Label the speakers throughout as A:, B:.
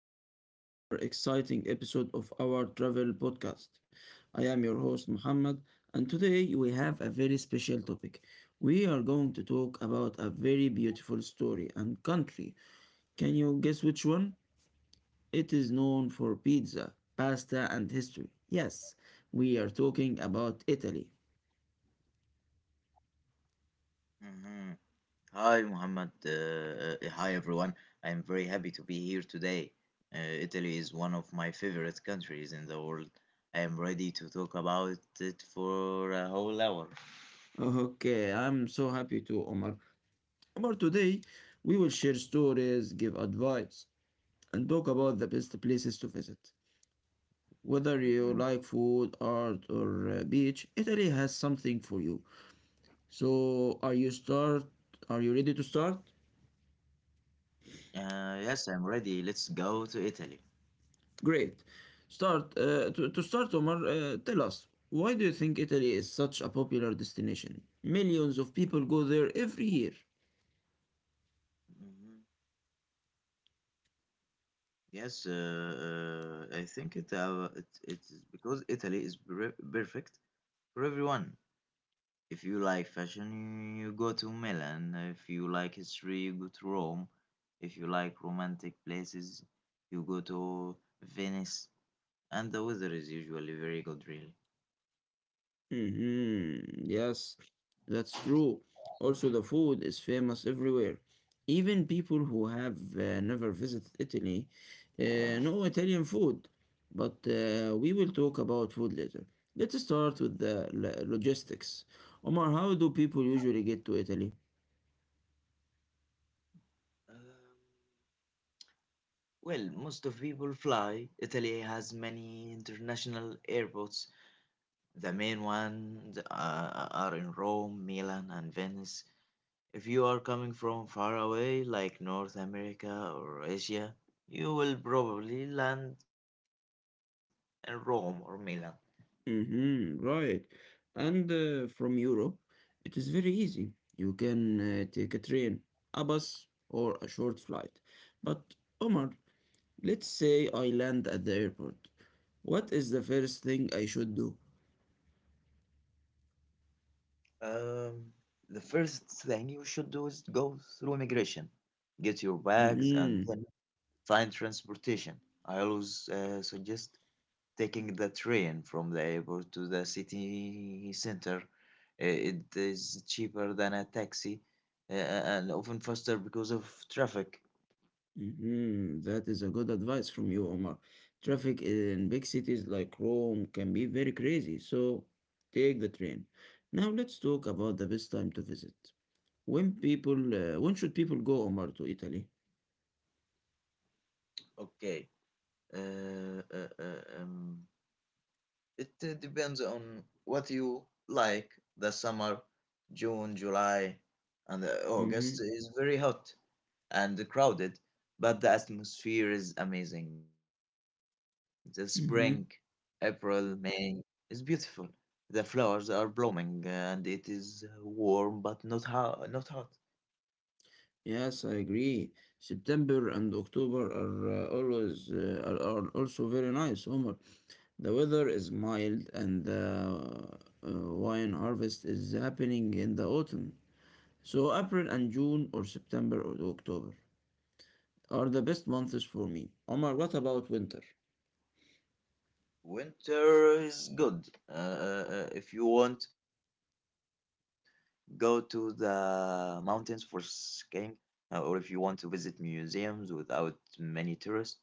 A: back to another exciting episode of our travel podcast. I am your host, Muhammad, and today we have a very special topic. We are going to talk about a very beautiful story and country. Can you guess which one? It is known for pizza, pasta, and history. Yes, we are talking about Italy.
B: Mhm. Hi, Muhammad. Hi, everyone. I am very happy to be here today. Uh, Italy is one of my favorite countries in the world. I am ready to talk about it for a whole hour.
A: Okay, I'm so happy to Omar. Omar, today we will share stories, give advice, and talk about the best places to visit. Whether you
B: Mhm.
A: like food, art, or beach, Italy has something for you. So, are you start? Are you ready to start?
B: Yes, I'm ready. Let's go to Italy.
A: Great. To start, Omar. Tell us why do you think Italy is such a popular destination? Millions of people go there every year.
B: hmm Yes, I think it is because Italy is perfect for everyone. If you like fashion, you go to Milan. If you like history, you go to Rome. If you like romantic places, you go to Venice. And the weather is usually very good, really.
A: Mhm. Yes, that's true. Also, the food is famous everywhere. Even people who have never visited Italy know Italian food. But we will talk about food later. Let's start with the logistics. Omar, how do people usually get to Italy?
B: Um, well, most of people fly. Italy has many international airports. The main ones are in Rome, Milan, and Venice. If you are coming from far away, like North America or Asia, you will probably land in Rome or Milan.
A: Mm-hmm, right. And from Europe, it is very easy. You can take a train, a bus, or a short flight. But Omar, let's say I land at the airport. What is the first thing I should do?
B: Um, the first thing you should do is go through immigration, get your bags, and then
A: Mm-hmm.
B: find transportation. I always suggest taking the train from the airport to the city center. It is cheaper than a taxi and often faster because of traffic.
A: Mm-hmm. That is a good advice from you, Omar. Traffic in big cities like Rome can be very crazy, so take the train. Now let's talk about the best time to visit. When should people go, Omar, to Italy?
B: Okay, uh, uh, uh, um, it depends on what you like. The summer, June, July, and
A: Mm-hmm.
B: August is very hot and crowded, but the atmosphere is amazing. The spring, April,
A: Mm-hmm.
B: May is beautiful. The flowers are blooming and it is warm but not hot. Not hot.
A: Yes, I agree. September and October are also very nice, Omar. The weather is mild and the wine harvest is happening in the autumn. So April and June or September or October are the best months for me. Omar, what about winter?
B: Winter is good. If you want go to the mountains for skiing, or if you want to visit museums without many tourists.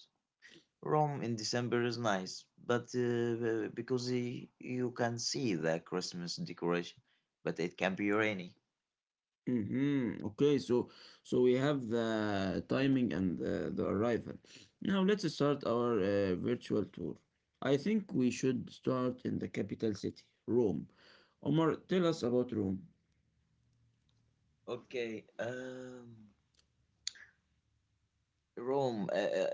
B: Rome in December is nice, but because you can see the Christmas decoration, but it can be rainy.
A: Mm-hmm. Okay, so we have the timing and the arrival. Now let's start our virtual tour. I think we should start in the capital city, Rome. Omar, tell us about Rome.
B: Okay, Rome. Uh, uh,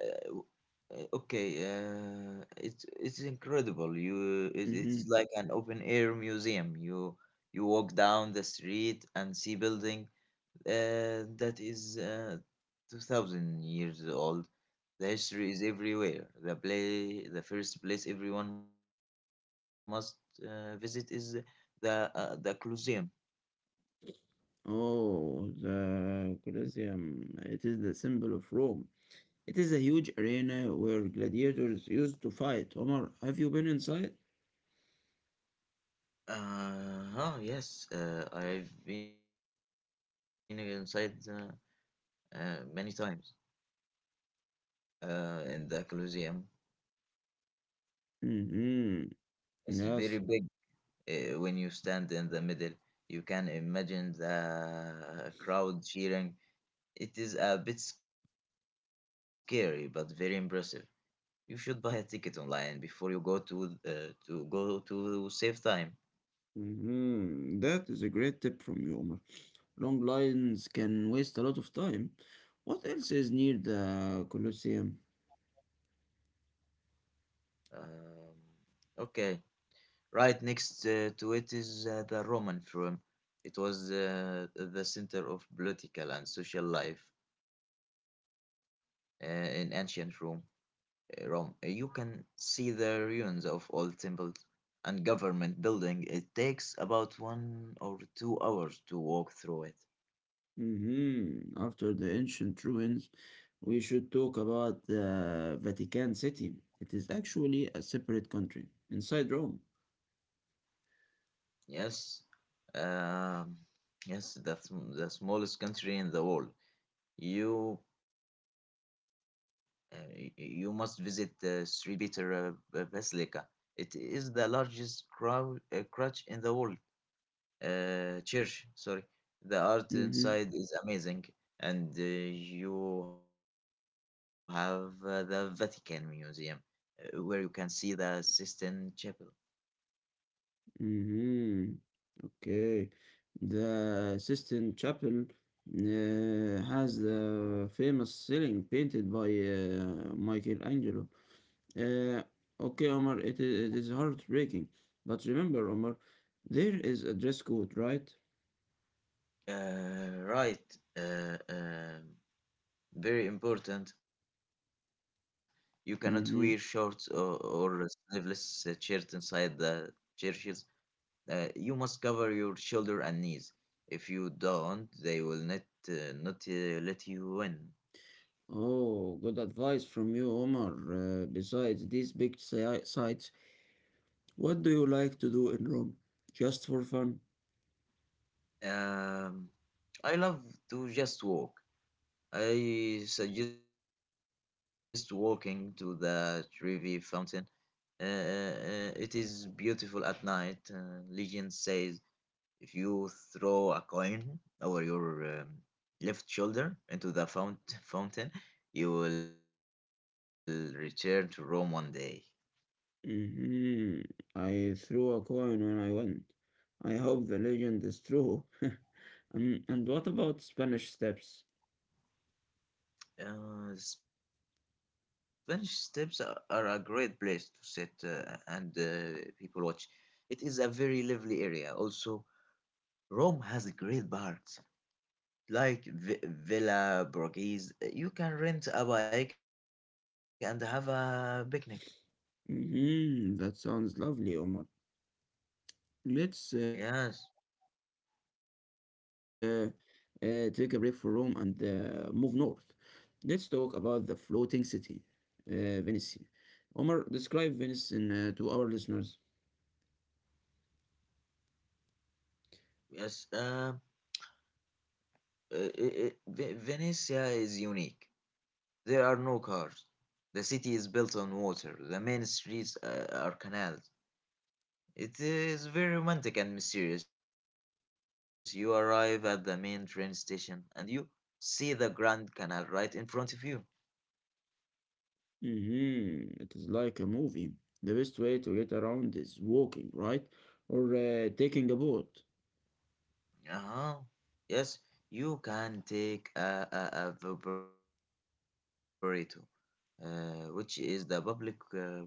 B: uh, Okay, it's incredible. It's
A: Mm-hmm.
B: like an open air museum. You walk down the street and see buildings that is 2000 years old. The history is everywhere. The play the first place everyone must visit is the colosseum.
A: Oh, the Colosseum. It is the symbol of Rome. It is a huge arena where gladiators used to fight. Omar, have you been inside?
B: Uh huh yes, I've been inside many times in the colosseum.
A: Mm-hmm.
B: It's very
A: Yes.
B: big. When you stand in the middle, you can imagine the crowd cheering. It is a bit scary but very impressive. You should buy a ticket online before you go to save time.
A: Mm-hmm. That is a great tip from you, Omar. Long lines can waste a lot of time. What else is near the Colosseum?
B: Um, okay, right next to it is the Roman Forum. It was the center of political and social life in ancient Rome. You can see the ruins of old temples and government building. It takes about 1 or 2 hours to walk through it.
A: Mm-hmm. After the ancient ruins, we should talk about the Vatican City. It is actually a separate country inside Rome.
B: Yes, um, yes, the the smallest country in the world. You you must visit St. Peter Basilica. It is the largest crow church in the world. Church, sorry. The art
A: Mm-hmm.
B: inside is amazing, and you have the Vatican Museum, where you can see the Sistine Chapel.
A: Mhm. Okay. The Sistine Chapel has the famous ceiling painted by Michelangelo. Uh, okay, Omar, it is heartbreaking. But remember, Omar, there is a dress code, right?
B: Right. Uh, um Very important. You cannot wear shorts or
A: Mm-hmm.
B: sleeveless shirt inside the churches. You must cover your shoulder and knees. If you don't, they will not let you in.
A: Oh, good advice from you, Omar. Besides these big sites, what do you like to do in Rome? Just for fun?
B: Um, I love to just walk. I suggest walking to the Trevi Fountain. It is beautiful at night. Legend says if you throw a coin over your left shoulder into the fountain, you will return to Rome one day.
A: Mhm. I threw a coin when I went. I hope the legend is true. And what about Spanish steps?
B: Spanish steps are a great place to sit and people watch. It is a very lively area. Also, Rome has great parks like Villa Borghese. You can rent a bike and have a picnic.
A: Hmm. That sounds lovely, Omar. Let's
B: Yes,
A: take a break for Rome and move north. Let's talk about the floating city, Venice. Omar, describe Venice to our listeners.
B: yes. Venice, yeah, is unique. There are no cars. The city is built on water. The main streets are canals. It is very romantic and mysterious. You arrive at the main train station and you see the Grand Canal right in front of you.
A: Mm-hmm. It is like a movie. The best way to get around is walking, right? Or taking a boat.
B: Uh huh. Yes, you can take a Vaporetto, which is the public water bus.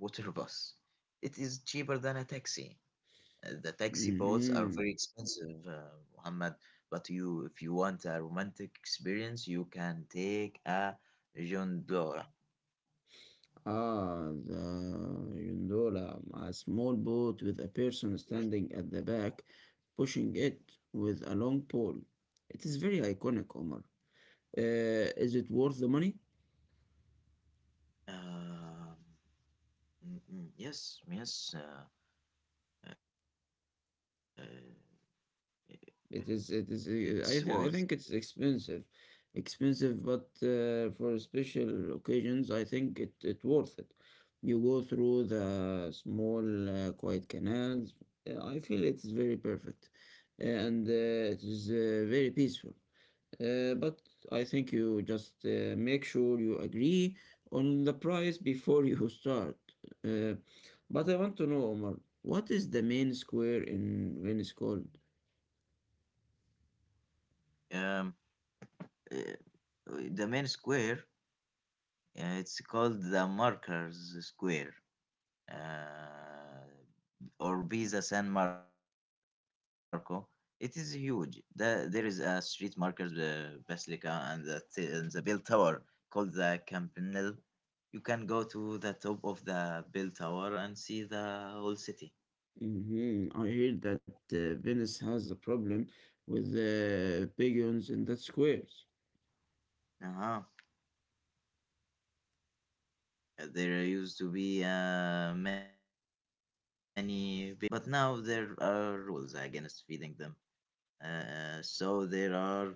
B: It is cheaper than a taxi. The taxi boats are very
A: Mm-hmm.
B: expensive, Muhammad. But if you want a romantic experience, you can take a gondola.
A: Ah, the gondola, a small boat with a person standing at the back, pushing it with a long pole. It is very iconic, Omar. Is it worth the money?
B: Um, yes, yes. Uh, uh, it's
A: It is,
B: worth.
A: I, th I think it's expensive. Expensive, but for special occasions, I think it worth it. You go through the small, quiet canals. I feel it is very perfect and it is very peaceful. But I think you just make sure you agree on the price before you start. Uh, but I want to know, Omar, what is the main square in Venice called?
B: Um, uh, the main square, it's called the Markers Square. Uh, or Pisa San Marco. It is huge. There is a street markers Basilica and and the bell tower called the Campanile. You can go to the top of the bell tower and see the whole city.
A: Hmm. I heard that Venice has a problem with pigeons in that squares.
B: Uh-huh. There used to be many beacons, but now there are rules against feeding them. So there are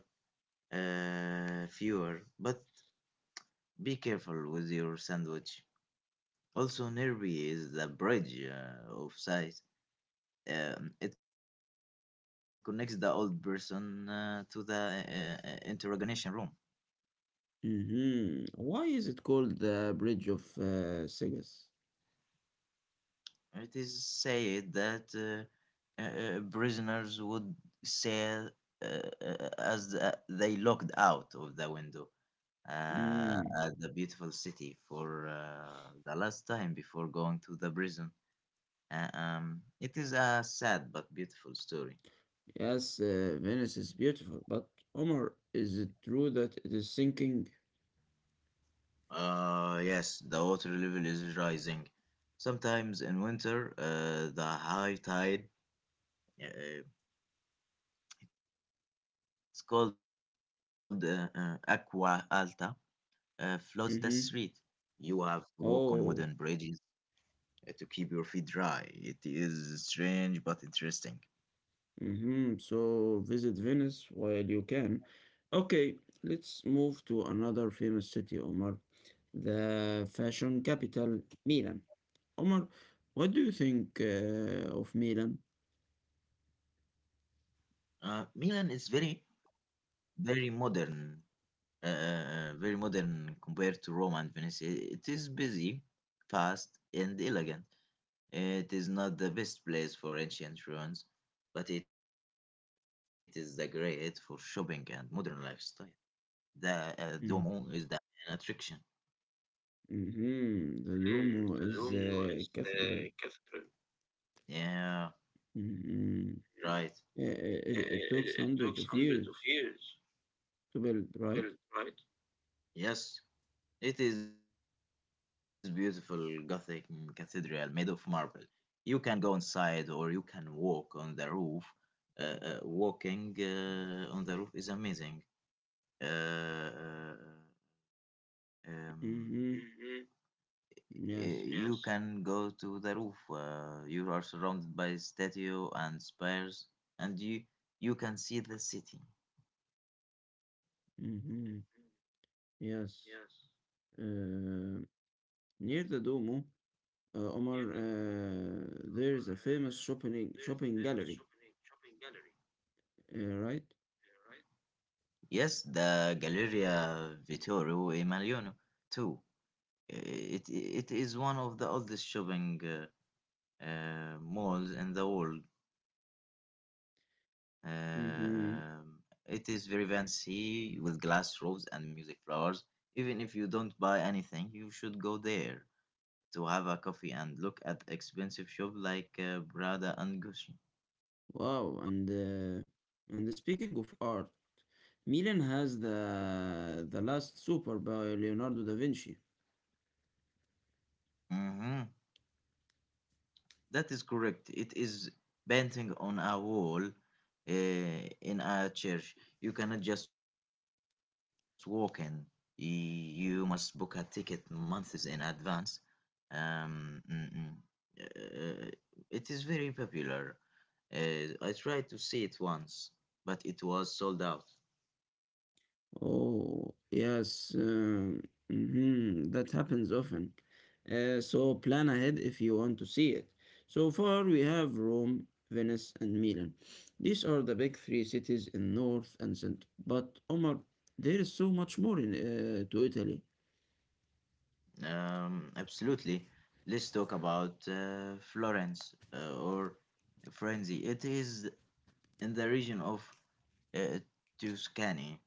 B: fewer, but be careful with your sandwich. Also, Nervi is the bridge of sight. It connects the old person to the interrogation room.
A: Hmm. Why is it called the Bridge of Sigas?
B: It is said that prisoners would say as they looked out of the window
A: Mm,
B: at the beautiful city for the last time before going to the prison. It is a sad but beautiful story.
A: yes. Venice is beautiful, but Omar, is it true that it is sinking?
B: Yes, the water level is rising. Sometimes in winter, the high tide, uh, it's called aqua alta, floods the street. You
A: Mm-hmm.
B: have to walk on wooden
A: Oh,
B: bridges to keep your feet dry. It is strange but interesting.
A: mm-hmm. So visit Venice while you can. Okay, let's move to another famous city, Omar, the fashion capital, Milan. Omar, what do you think of Milan?
B: Milan is very, very modern, very modern compared to Rome and Venice. It is busy, fast, and elegant. It is not the best place for ancient ruins, but it is the great for shopping and modern lifestyle. The Duomo is
A: Mm.
B: the main attraction.
A: Hmm. The
B: Hmm, the
A: Duomo is
B: Duomo is
A: a
B: the
A: cathedral.
B: cathedral. Yeah.
A: Hmm.
B: Hmm. Right.
A: It took hundreds of years to build, right?
B: Yes, it is beautiful Gothic cathedral made of marble. You can go inside or you can walk on the roof. Walking on the roof is amazing. Uh, uh, um,
A: Hmm. Yes.
B: you can go to the roof. You are surrounded by statue and spires, and you can see the city.
A: Hmm. Yes. Uh, Near the Duomo, Omar, there's a famous shopping gallery, right?
B: Yes, the Galleria Vittorio Emanuele too. It is one of the oldest shopping malls in the world. Um, it is
A: Hmm.
B: very fancy with glass roofs and music flowers. Even if you don't buy anything, you should go there to have a coffee and look at expensive shop like Prada and Gucci.
A: Wow. And speaking of art, Milan has The Last Supper by Leonardo da Vinci.
B: Mhm. That is correct. It is painting on a wall in a church. You cannot just walk in. You must book a ticket months in advance. Um, mm, mm. Uh, it is very popular. I tried to see it once, but it was sold out.
A: Oh, yes, mhm, that happens often. So plan ahead if you want to see it. So far, we have Rome, Venice, and Milan. These are the big three cities in north and center. But Omar, there is so much more in to Italy.
B: Absolutely. Let's talk about Florence or Frenzy. It is in the region of uh, Tuscany.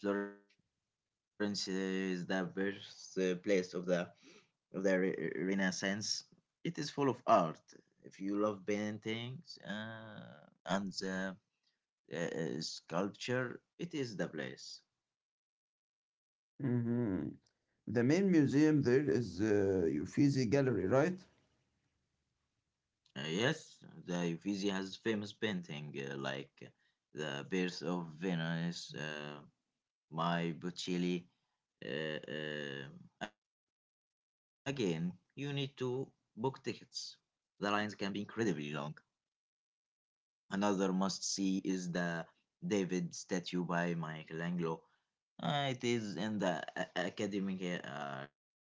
B: Florence is the birth place of Renaissance. It is full of art. If you love paintings and sculpture, it is the place.
A: Hmm. The main museum there is Uffizi Gallery, right?
B: Yes, the Uffizi has famous painting like the Birth of Venus, My Botticelli. Uh, uh, Again, you need to book tickets. The lines can be incredibly long. Another must-see is the David statue by Michelangelo. It is in the Academic Gallery.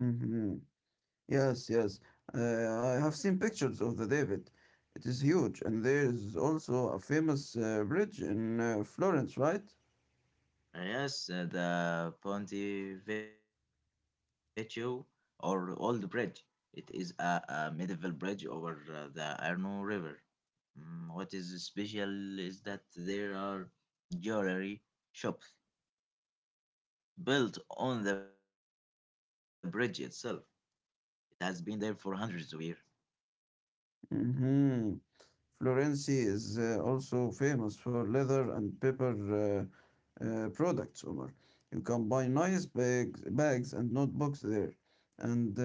A: Mhm. Yes, yes. I have seen pictures of the David. It is huge, and there is also a famous bridge in Florence, right?
B: Yes, the Ponte Vecchio or Old Bridge. It is a medieval bridge over the Arno River. What is special is that there are jewelry shops built on the bridge itself. It has been there for hundreds of years.
A: Mm-hmm. Florence is also famous for leather and paper products, Omar. You can buy nice bags and notebooks there. And uh,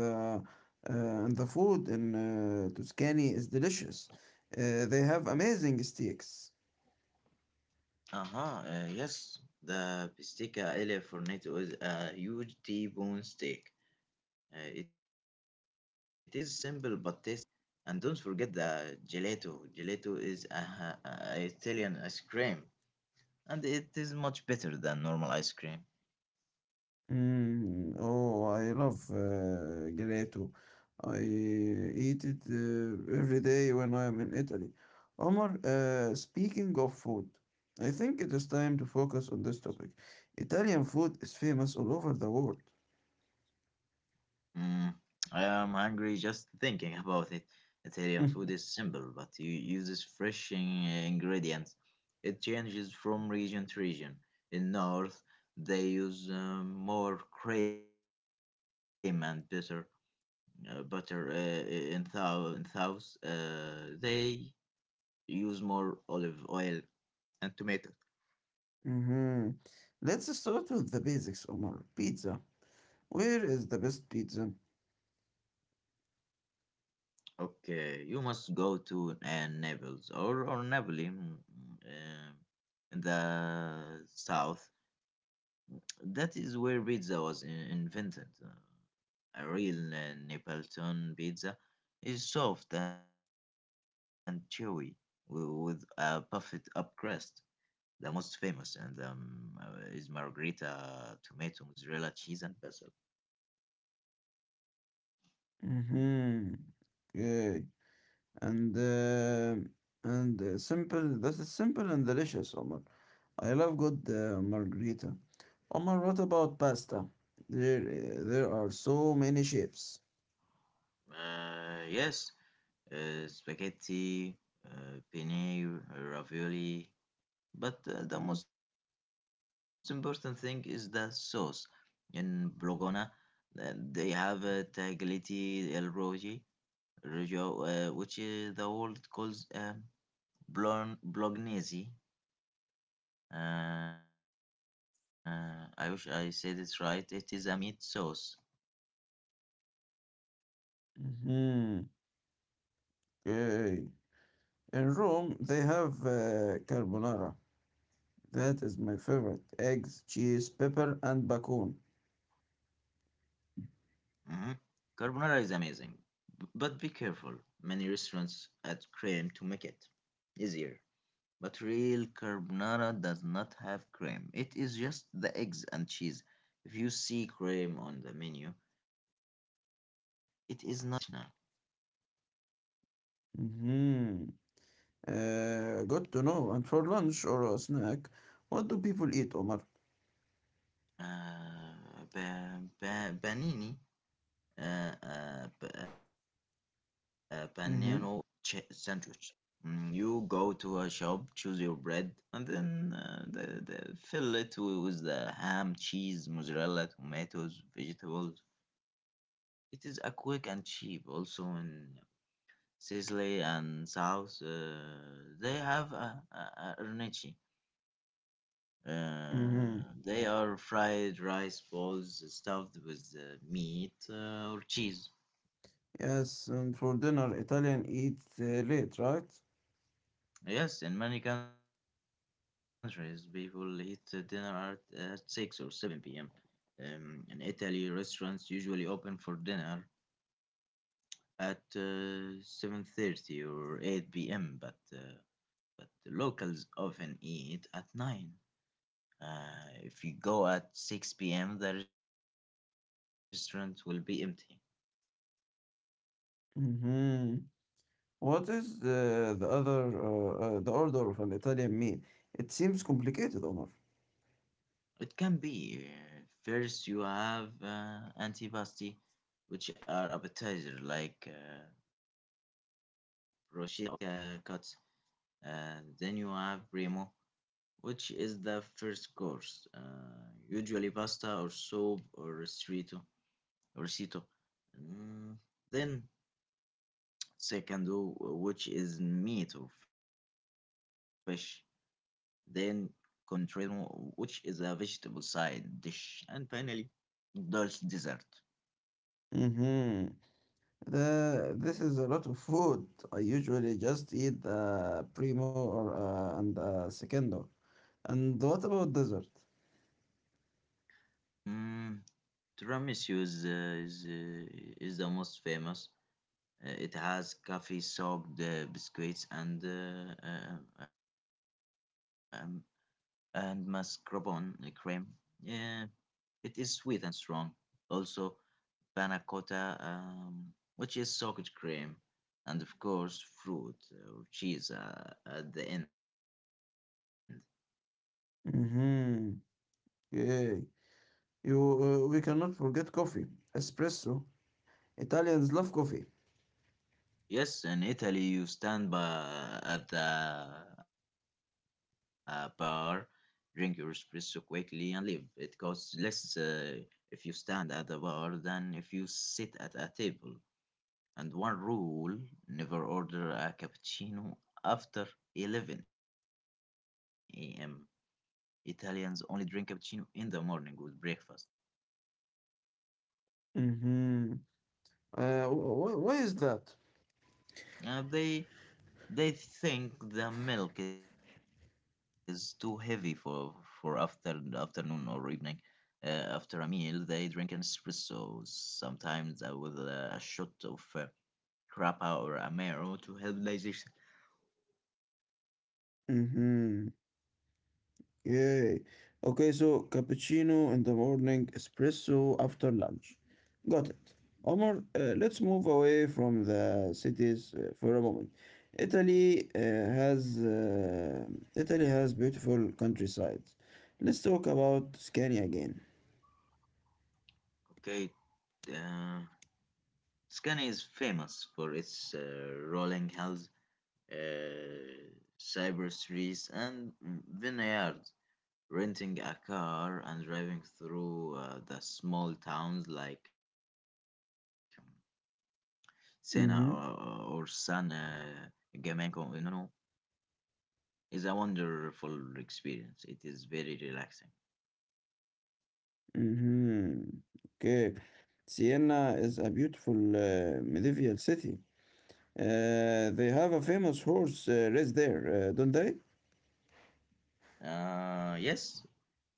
A: the and the food in Tuscany is delicious. They have amazing steaks.
B: Uh-huh, yes, the Pistica Ele Fornetto is a huge T-bone steak. It is simple but tasty. And don't forget the gelato. Gelato is a- a Italian ice cream, and it is much better than normal ice cream.
A: Mm, oh, I love gelato. I eat it every day when I am in Italy. Omar, speaking of food, I think it is time to focus on this topic. Italian food is famous all over the world.
B: Mm, I am hungry just thinking about it. Italian food is simple, but you uses fresh ingredients. It changes from region to region. In north, they use more cream and butter. In thou in thous they use more olive oil and tomato.
A: Hmm. Let's start with the basics, Omar. Pizza. Where is the best pizza?
B: Okay, you must go to Naples or Napoli. Um in the south, that is where pizza was invented. A real Neapolitan pizza is soft and chewy, with a puffed up crust. The most famous and is margherita, tomato, mozzarella cheese, and basil.
A: Mm-hmm. Okay. and uh, and simple. That is simple and delicious, Omar. I love good margarita. Omar, what about pasta? There are so many shapes.
B: Yes, spaghetti, penne, ravioli. But the most important thing is the sauce. In Bologna, uh, they have tagliati el rogi, rojo, which the world calls bolognese. I wish I said it right. It is a meat sauce.
A: Mm-hmm. Okay. In Rome, they have carbonara. That is my favorite. Eggs, cheese, pepper, and bacon.
B: Mhm. Carbonara is amazing, but be careful. Many restaurants add cream to make it easier. But real carbonara does not have cream. It is just the eggs and cheese. If you see cream on the menu, it is not traditional.
A: Mm-hmm. Good to know. And for lunch or a snack, what do people eat, Omar?
B: Panini. Panino is a
A: Mm-hmm.
B: sandwich. You go to a shop, choose your bread, and then fill it with the ham, cheese, mozzarella, tomatoes, vegetables. It is a quick and cheap. Also in Sicily and South, they have a arnici.
A: Mm-hmm.
B: Uh, they are fried rice balls stuffed with meat or cheese.
A: Yes, and for dinner, Italian eat late, right?
B: Yes, in many countries, people eat dinner at 6 or 7 p.m. In Italy, restaurants usually open for dinner at 7:30 or 8 p.m. But locals often eat at 9. Uh, if you go at 6 p.m., the restaurant will be empty.
A: Mm-hmm. What is the order of an Italian meal? It seems complicated, Omar.
B: It can be first you have antipasti, which are appetizer like bruschetta or cold cuts. And then you have primo, which is the first course, usually pasta or soup or risotto. Mm, Then secondo, which is meat or fish. Then contrario, which is a vegetable side dish. And finally, dulce dessert.
A: Mm-hmm. This is a lot of food. I usually just eat a primo or and a secondo. And what about dessert?
B: Mm, tiramisu is the most famous. It has coffee soaked biscuits um, and mascarpone cream. Yeah, it is sweet and strong. Also, panna cotta, which is soaked cream, and of course, fruit or cheese at the end.
A: Mm-hmm. Yeah. We cannot forget coffee, espresso. Italians love coffee.
B: Yes, in Italy, you stand by at the bar, drink your espresso quickly, and leave. It costs less if you stand at the bar than if you sit at a table. And one rule, never order a cappuccino after 11 a.m. Italians only drink cappuccino in the morning with breakfast.
A: Mm-hmm. Why is that?
B: Uh, they They think the milk is too heavy for after afternoon or evening. Uh, After a meal, they drink an espresso, sometimes with a shot of grappa or amaro to help digestion.
A: Mm-hmm. Yeah. Okay, so cappuccino in the morning, espresso after lunch. Got it. Omar, let's move away from the cities for a moment. Italy uh, has uh, Italy has beautiful countrysides. Let's talk about Scania again.
B: Okay, uh, Scania is famous for its rolling hills, uh, cyber trees, and vineyards. Renting a car and driving through the small towns like Senna or San
A: Mm-hmm.
B: Gamengo, no, no, is a wonderful experience. It is very relaxing.
A: Mm-hmm. Okay. Siena is a beautiful medieval city. They have a famous horse race there, don't they?
B: Yes,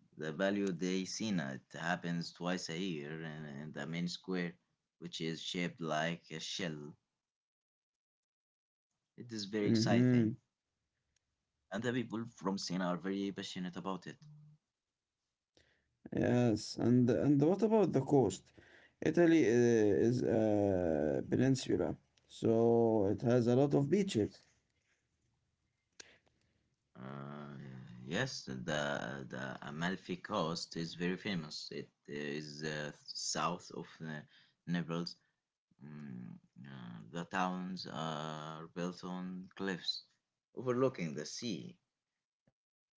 B: the Value de Sina, it happens twice a year in the main square, which is shaped like a shell. It is very exciting,
A: Mhm.
B: and the people from Sena are very passionate about it.
A: Yes. And what about the coast? Italy is a peninsula, so it has a lot of beaches.
B: Uh, yes, the Amalfi Coast is very famous. It is south of the Naples. Mm, the towns are built on cliffs overlooking the sea. Uh,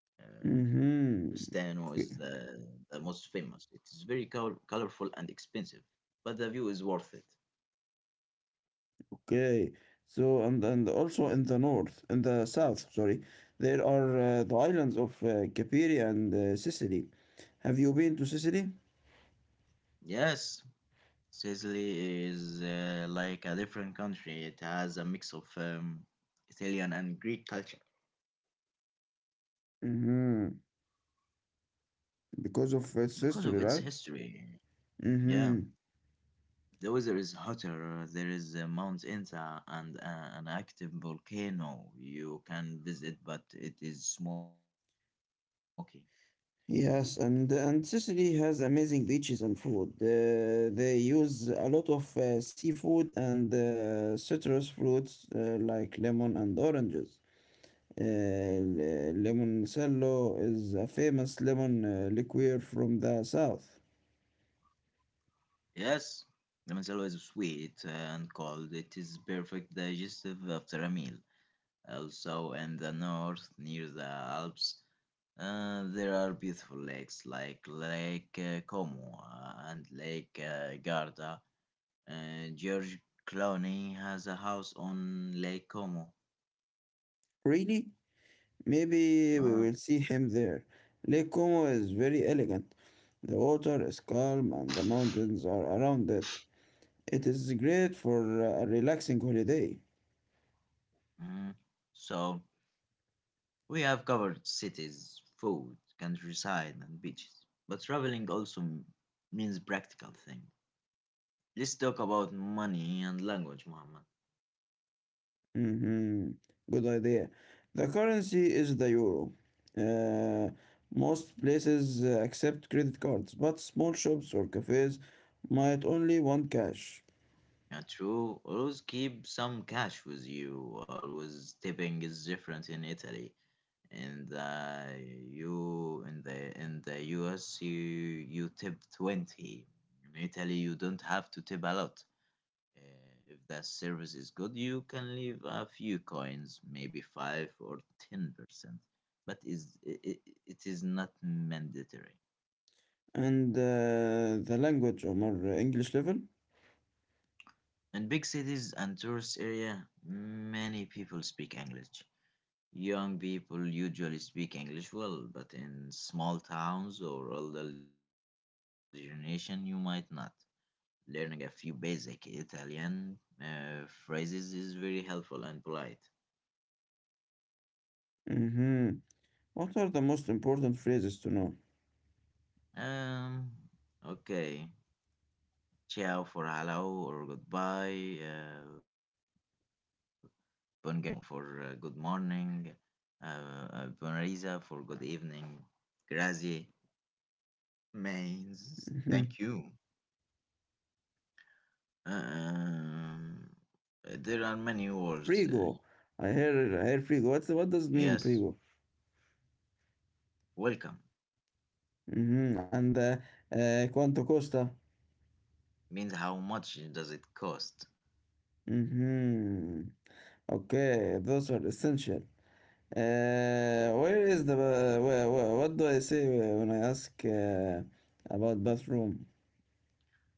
B: Steno is
A: Mm-hmm.
B: the most
A: Okay.
B: famous. It is very colorful and expensive, but the view is worth it.
A: Okay. So and also in the north, in the south, sorry, there are the islands of Capiria and Sicily. Have you been to Sicily?
B: Yes, Sicily is like a different country. It has a mix of Italian and Greek culture
A: Mm-hmm.
B: because of its
A: Because of its
B: history.
A: history, right?
B: Yeah,
A: Hmm.
B: the weather is hotter. There is Mount Inta and an active volcano you can visit, but it is smoky.
A: Yes, and Sicily has amazing beaches and food. They use a lot of seafood and citrus fruits like lemon and oranges. Lemon cello is a famous lemon liqueur from the south.
B: Yes, Ramanzello is sweet and cold. It is perfect digestive after a meal. Also, in the north, near the Alps, there are beautiful lakes like Lake Como and Lake Garda. Uh, George Clooney has a house on Lake Como.
A: Really? Maybe we
B: Ah.
A: will see him there. Lake Como is very elegant. The water is calm and the mountains are around it. It is great for a relaxing holiday.
B: Mm. So, we have covered cities, food, countryside, and beaches. But traveling also means practical thing. Let's talk about money and language, Muhammad.
A: Mhm. Good idea. The currency is the euro. Uh, Most places accept credit cards, but small shops or cafes might only want cash.
B: Yeah, true. Always keep some cash with you. Always tipping is different in Italy. In the in the US you tip 20. In Italy you don't have to tip a lot. Uh, if the service is good, you can leave a few coins, maybe 5 or 10%. But it is not mandatory.
A: And the language, or English level?
B: In big cities and tourist area, many people speak English. Young people usually speak English well, but in small towns or older generation, you might not. Learning a few basic Italian phrases is very helpful and polite.
A: Hmm. What are the most important phrases to know?
B: Um, okay. Ciao for hello or goodbye. Buongiorno for good morning. Uh, Buona risa for good evening. Grazie means
A: Hmm.
B: thank you. Um, there are many words.
A: Prego. I hear, I
B: Yes,
A: hear prego. What does it mean, prego?
B: welcome
A: Hmm. And quanto costa?
B: means how much does it cost?
A: Hmm. Okay, those are essential. Where is the ba- where, what do I say when I ask about bathroom?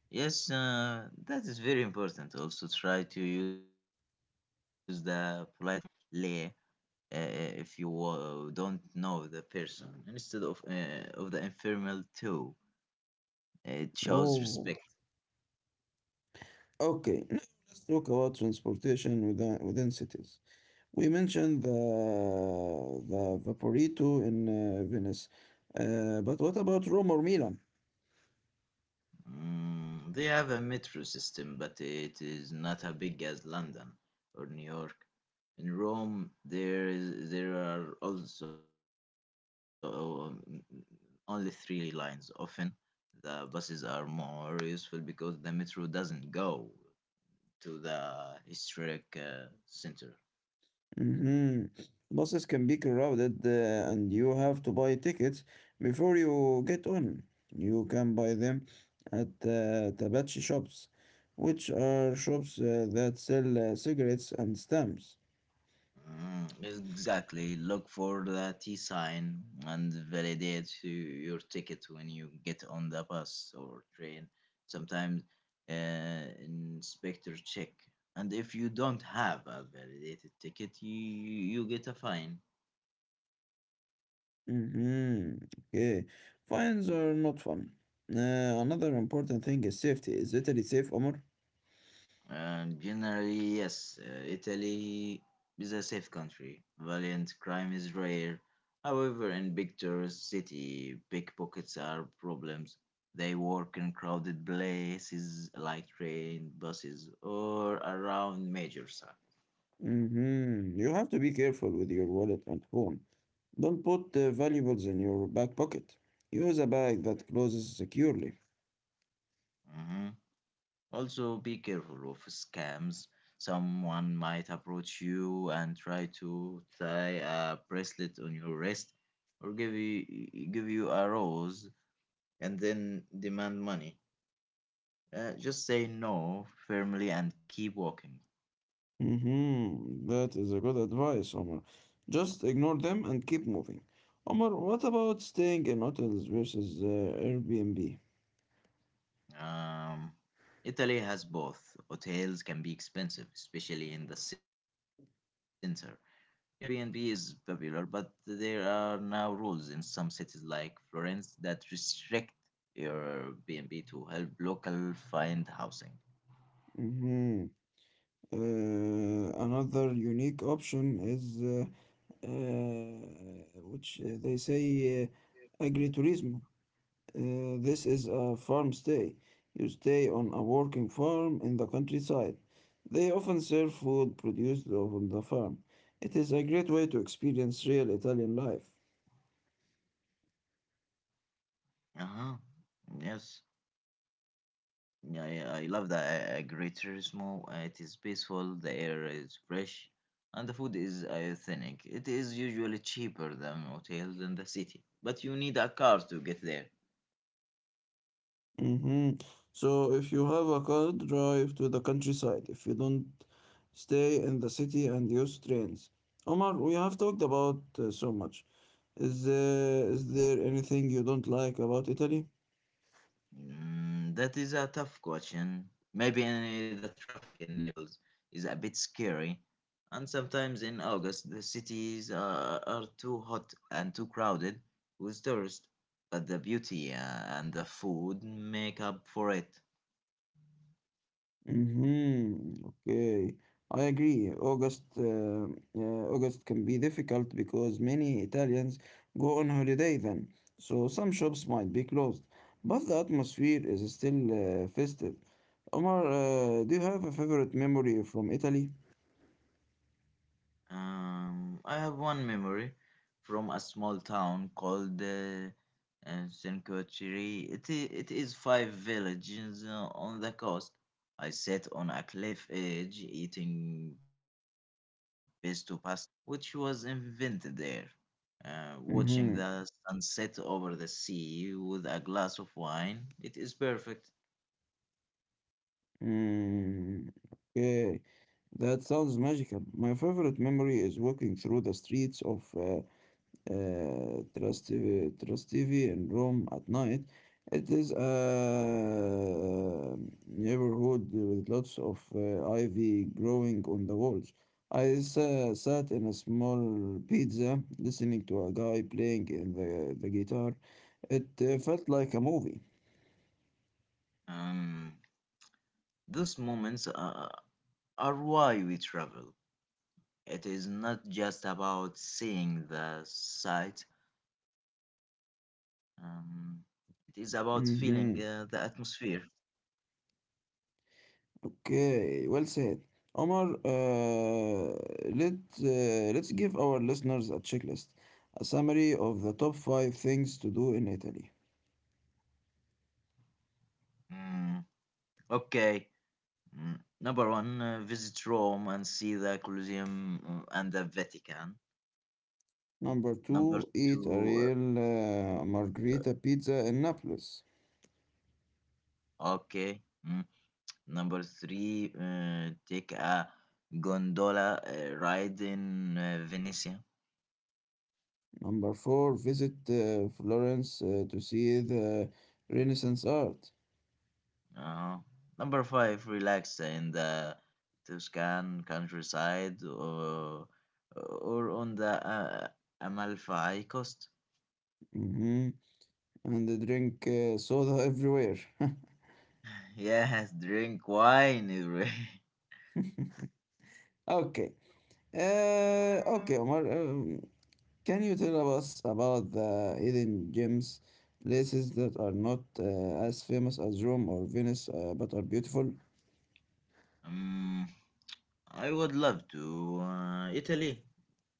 B: Yes, that is very important. Also, try to use the flight from le. If you don't know the person instead of the informal too. It shows
A: Oh,
B: respect.
A: okay. Now let's talk about transportation within cities. We mentioned the Vaporito in Venice, but what about Rome or Milan?
B: They have a metro system, but it is not as big as London or New York. In Rome, there are also um, only three lines. Often, the buses are more useful because the metro doesn't go to the historic center.
A: Hmm. Buses can be crowded and you have to buy tickets before you get on. You can buy them at Tabachi shops, which are shops that sell cigarettes and stamps.
B: Mm, exactly. Look for the T sign and validate your ticket when you get on the bus or train. Sometimes inspector check, and if you don't have a validated ticket, you get a fine.
A: Mm-hmm. Okay. Fines are not fun. Another important thing is safety. Is Italy safe, Omar?
B: And generally, yes, Italy is a safe country. Violent crime is rare. However, in big tourist city, pickpockets are problems. They work in crowded places like train, buses, or around major sites.
A: Mm-hmm. You have to be careful with your wallet and phone. Don't put valuables in your back pocket. Use a bag that closes securely.
B: Mhm. Also, be careful of scams. Someone might approach you and try to tie a bracelet on your wrist or give you a rose and then demand money. Just say no firmly and keep walking.
A: Mm-hmm. That is a good advice, Omar. Just ignore them and keep moving. Omar, what about staying in hotels versus Airbnb?
B: Um, Italy has both. Hotels can be expensive, especially in the center. Airbnb is popular, but there are now rules in some cities like Florence that restrict Airbnb to help local find housing.
A: Mm-hmm. Another unique option is which they say agritourism. This is a farm stay. You stay on a working farm in the countryside. They often serve food produced on the farm. It is a great way to experience real Italian life.
B: Uh-huh. Yes. Yeah, I love the Great. It is peaceful, the air is fresh, and the food is authentic. It is usually cheaper than hotels in the city, but you need a car to get there.
A: hmm So, if you have a car, drive to the countryside. If you don't, stay in the city and use trains. Omar, we have talked about so much. Is, uh, is there anything you don't like about Italy?
B: That is a tough question. Maybe in the traffic in Naples is a bit scary, and sometimes in August the cities are too hot and too crowded with tourists. But the beauty and the food make up for it.
A: Mm-hmm. Okay, I agree. August can be difficult because many Italians go on holiday then, so some shops might be closed. But the atmosphere is still festive. Omar, do you have a favorite memory from Italy?
B: I have one memory from a small town called Senkochiri. It is five villages on the coast. I sat on a cliff edge eating pesto pasta, which was invented there, watching the
A: Mm-hmm.
B: sunset over the sea with a glass of wine. It is perfect.
A: Mm, okay, that sounds magical. My favorite memory is walking through the streets of Trastevere TV, in Rome at night. It is a neighborhood with lots of ivy growing on the walls. Sat in a small pizza listening to a guy playing in the guitar. It felt like a movie.
B: Um, those moments are why we travel. It is not just about seeing the sight, um, it is about feeling the
A: Mhm.
B: atmosphere.
A: Okay, well said. Omar, uh, let, let's give our listeners a checklist, a summary of the top five things to do in Italy.
B: Mm, okay. Mm, Number one, visit Rome and see the Colosseum and the Vatican.
A: Number
B: Number
A: two, eat a
B: two,
A: real margherita pizza in Naples.
B: okay. Mm, Number three, take a gondola ride in Venice.
A: Number four, visit Florence to see the Renaissance art.
B: Uh, Number five, relax in the Tuscan countryside or on the Amalfi coast.
A: hmm And they drink soda everywhere.
B: Yes, drink wine. Ibrahim.
A: Okay. Okay, Omar. Can you tell us about the hidden gems, places that are not as famous as Rome or Venice, but are beautiful?
B: um, I would love to. Italy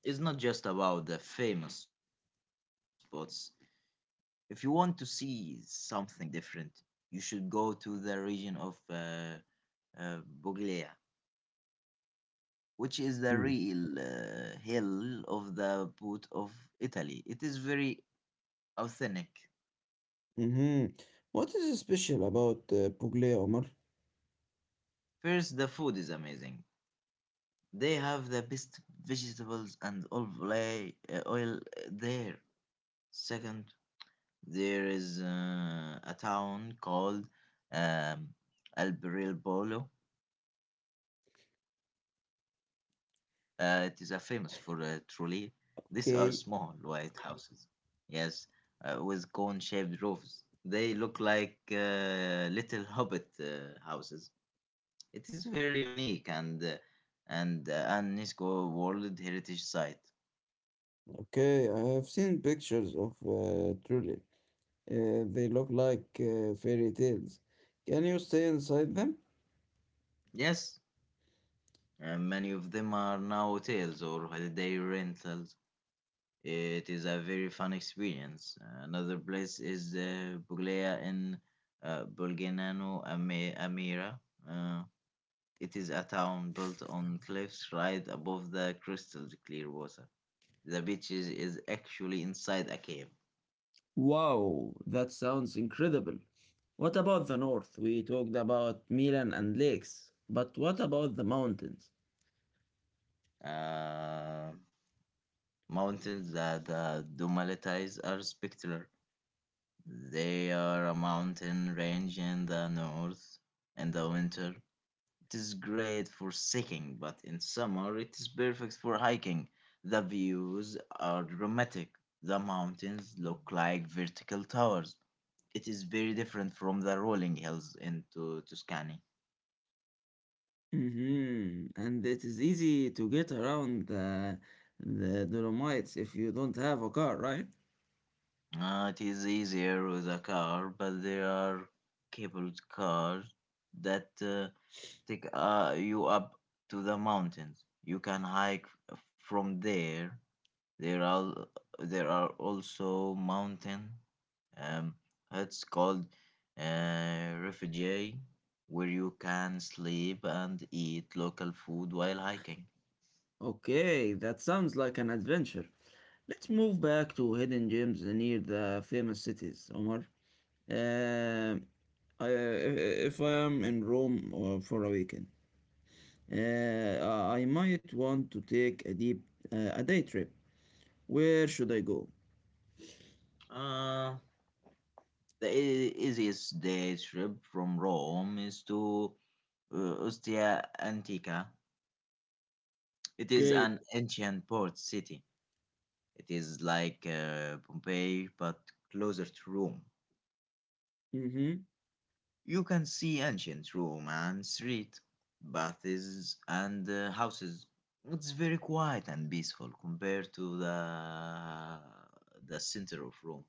B: is not just about the famous spots. If you want to see something different, you should go to the region of uh, Puglia, which is the
A: Hmm.
B: real hill of the boot of Italy. It is very authentic.
A: Mm-hmm. What is special about Puglia, Omar?
B: First, the food is amazing. They have the best vegetables and olive oil there. Second, there is a town called um, Alberobolo. It is famous for trolley. These are small
A: Okay,
B: white houses. Yes, with cone-shaped roofs. They look like little hobbit houses. It is very unique and an UNESCO World Heritage Site.
A: okay, I have seen pictures of truly. They look like fairy tales. Can you stay inside them?
B: Yes, many of them are now hotels or holiday rentals. It is a very fun experience. Another place is Puglia in Bulganano Amira. Uh, It is a town built on cliffs right above the crystal clear water. The beach is actually inside a cave.
A: Wow, that sounds incredible. What about the north? We talked about Milan and lakes, but what about the mountains?
B: Uh, Mountains that the Dumalites are spectacular. They are a mountain range in the north in the winter. It is great for hiking, but in summer it is perfect for hiking. The views are dramatic. The mountains look like vertical towers. It is very different from the rolling hills into Tuscany.
A: Mhm. And it is easy to get around the Dolomites if you don't have a car, right?
B: It is easier with a car, but there are cabled cars that take you up to the mountains. You can hike from there. There are there are also mountain um, huts called refugee where you can sleep and eat local food while hiking.
A: Okay, that sounds like an adventure. Let's move back to hidden gems near the famous cities, Omar. Um, if I am in Rome for a weekend, uh, I might want to take a day trip. Where should I go?
B: uh, The easiest day trip from Rome is to uh, Ostia Antica. It is
A: Okay.
B: an ancient port city. It is like Pompeii but closer to Rome.
A: Mm-hmm.
B: You can see ancient Rome and street, baths and houses. It's very quiet and peaceful compared to the center of Rome.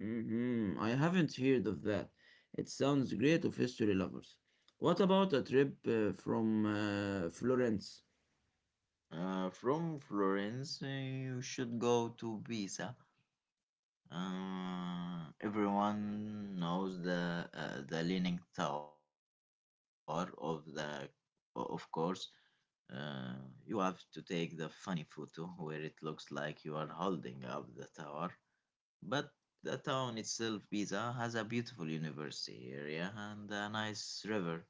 A: I haven't heard of that. It sounds great of history lovers. What about a trip from Florence?
B: From Florence, you should go to Pisa. Everyone knows the leaning tower of the, of course. Uh, you have to take the funny photo where it looks like you are holding up the tower. But the town itself, Pisa, has a beautiful university area and a nice river.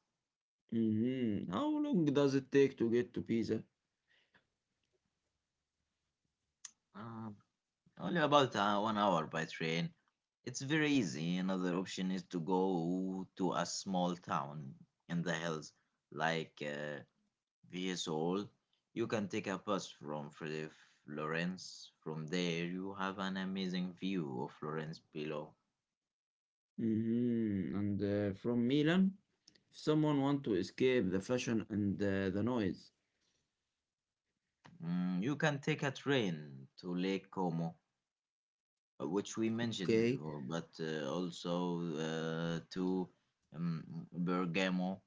A: How long does it take to get to Pisa?
B: Um, Only about 1 hour by train. It's very easy. Another option is to go to a small town in the hills like Viesoul. You can take a bus from Florence. From there, you have an amazing view of Florence below.
A: And from Milan, if someone want to escape the fashion and the noise.
B: You can take a train to Lake Como, which we mentioned
A: Okay.
B: before, but also to um, Bergamo.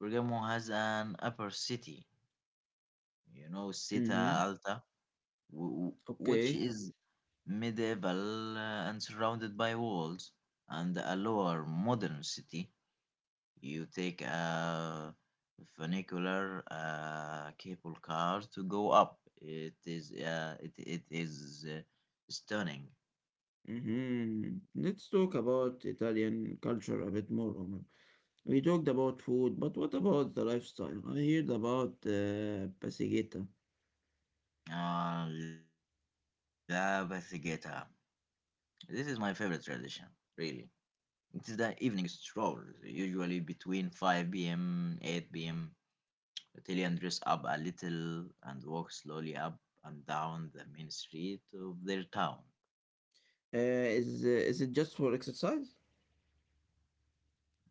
B: Bergamo has an upper city, you know, Città
A: hmm
B: Alta, w- which
A: Okay.
B: is medieval and surrounded by walls, and a lower modern city. You take a funicular, a cable car to go up. It is stunning.
A: Let's talk about Italian culture a bit more, Omar. We talked about food, but what about the lifestyle? I heard about Pasigeta.
B: La Bathigeta. This is my favorite tradition, really. It is the evening stroll, usually between 5 p.m. 8 p.m. Tyrion dress up a little and walk slowly up and down the main street of their town.
A: Uh, is it just for exercise?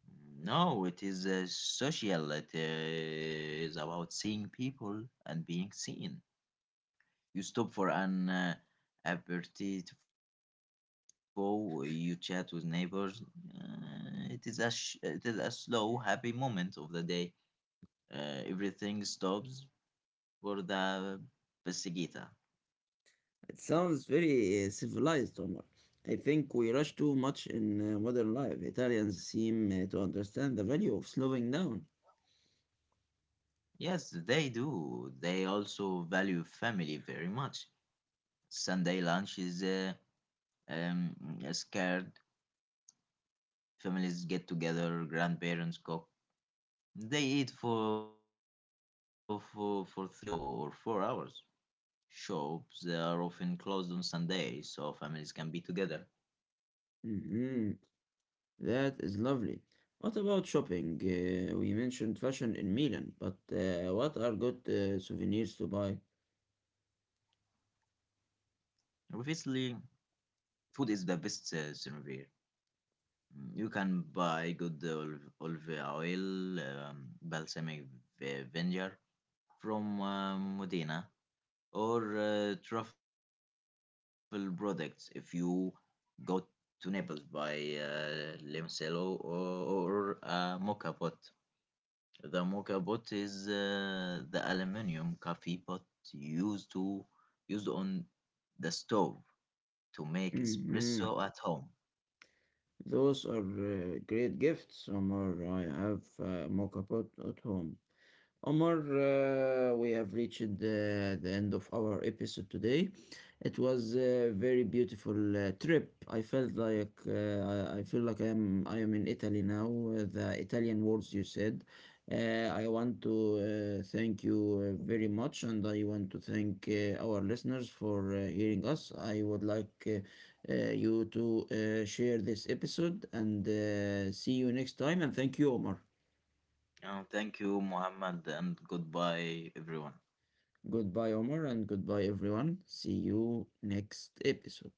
B: No, it is social. It is about seeing people and being seen. You stop for an aperitivo. You chat with neighbors. It is a slow, happy moment of the day. Everything stops for the pesiguita.
A: It sounds very civilized, Omar. I think we rush too much in modern life. Italians seem to understand the value of slowing down.
B: Yes, they do. They also value family very much. Sunday lunch is um, scared. Families get together, grandparents cook. They eat for 3 or 4 hours. Shops are often closed on Sunday, so families can be together.
A: Mhm. That is lovely. What about shopping? We mentioned fashion in Milan, but what are good souvenirs to buy?
B: Obviously, food is the best souvenir. You can buy good olive oil, balsamic vinegar, from Modena or truffle products if you go to Naples by Limoncello or Mocha Pot. The Mocha Pot is the aluminum coffee pot used to used on the stove to make
A: Mhm.
B: espresso at home.
A: Those are great gifts, Omar. I have a mock up at home. We have reached the end of our episode today. It was a very beautiful trip. I felt like I feel like I am in Italy now. The Italian words you said. Uh, I want to thank you very much, and I want to thank our listeners for hearing us. I would like you to share this episode, and see you next time. And thank you, Omar.
B: Thank you, Mohammed, and goodbye, everyone.
A: Goodbye, Omar, and goodbye, everyone. See you next episode.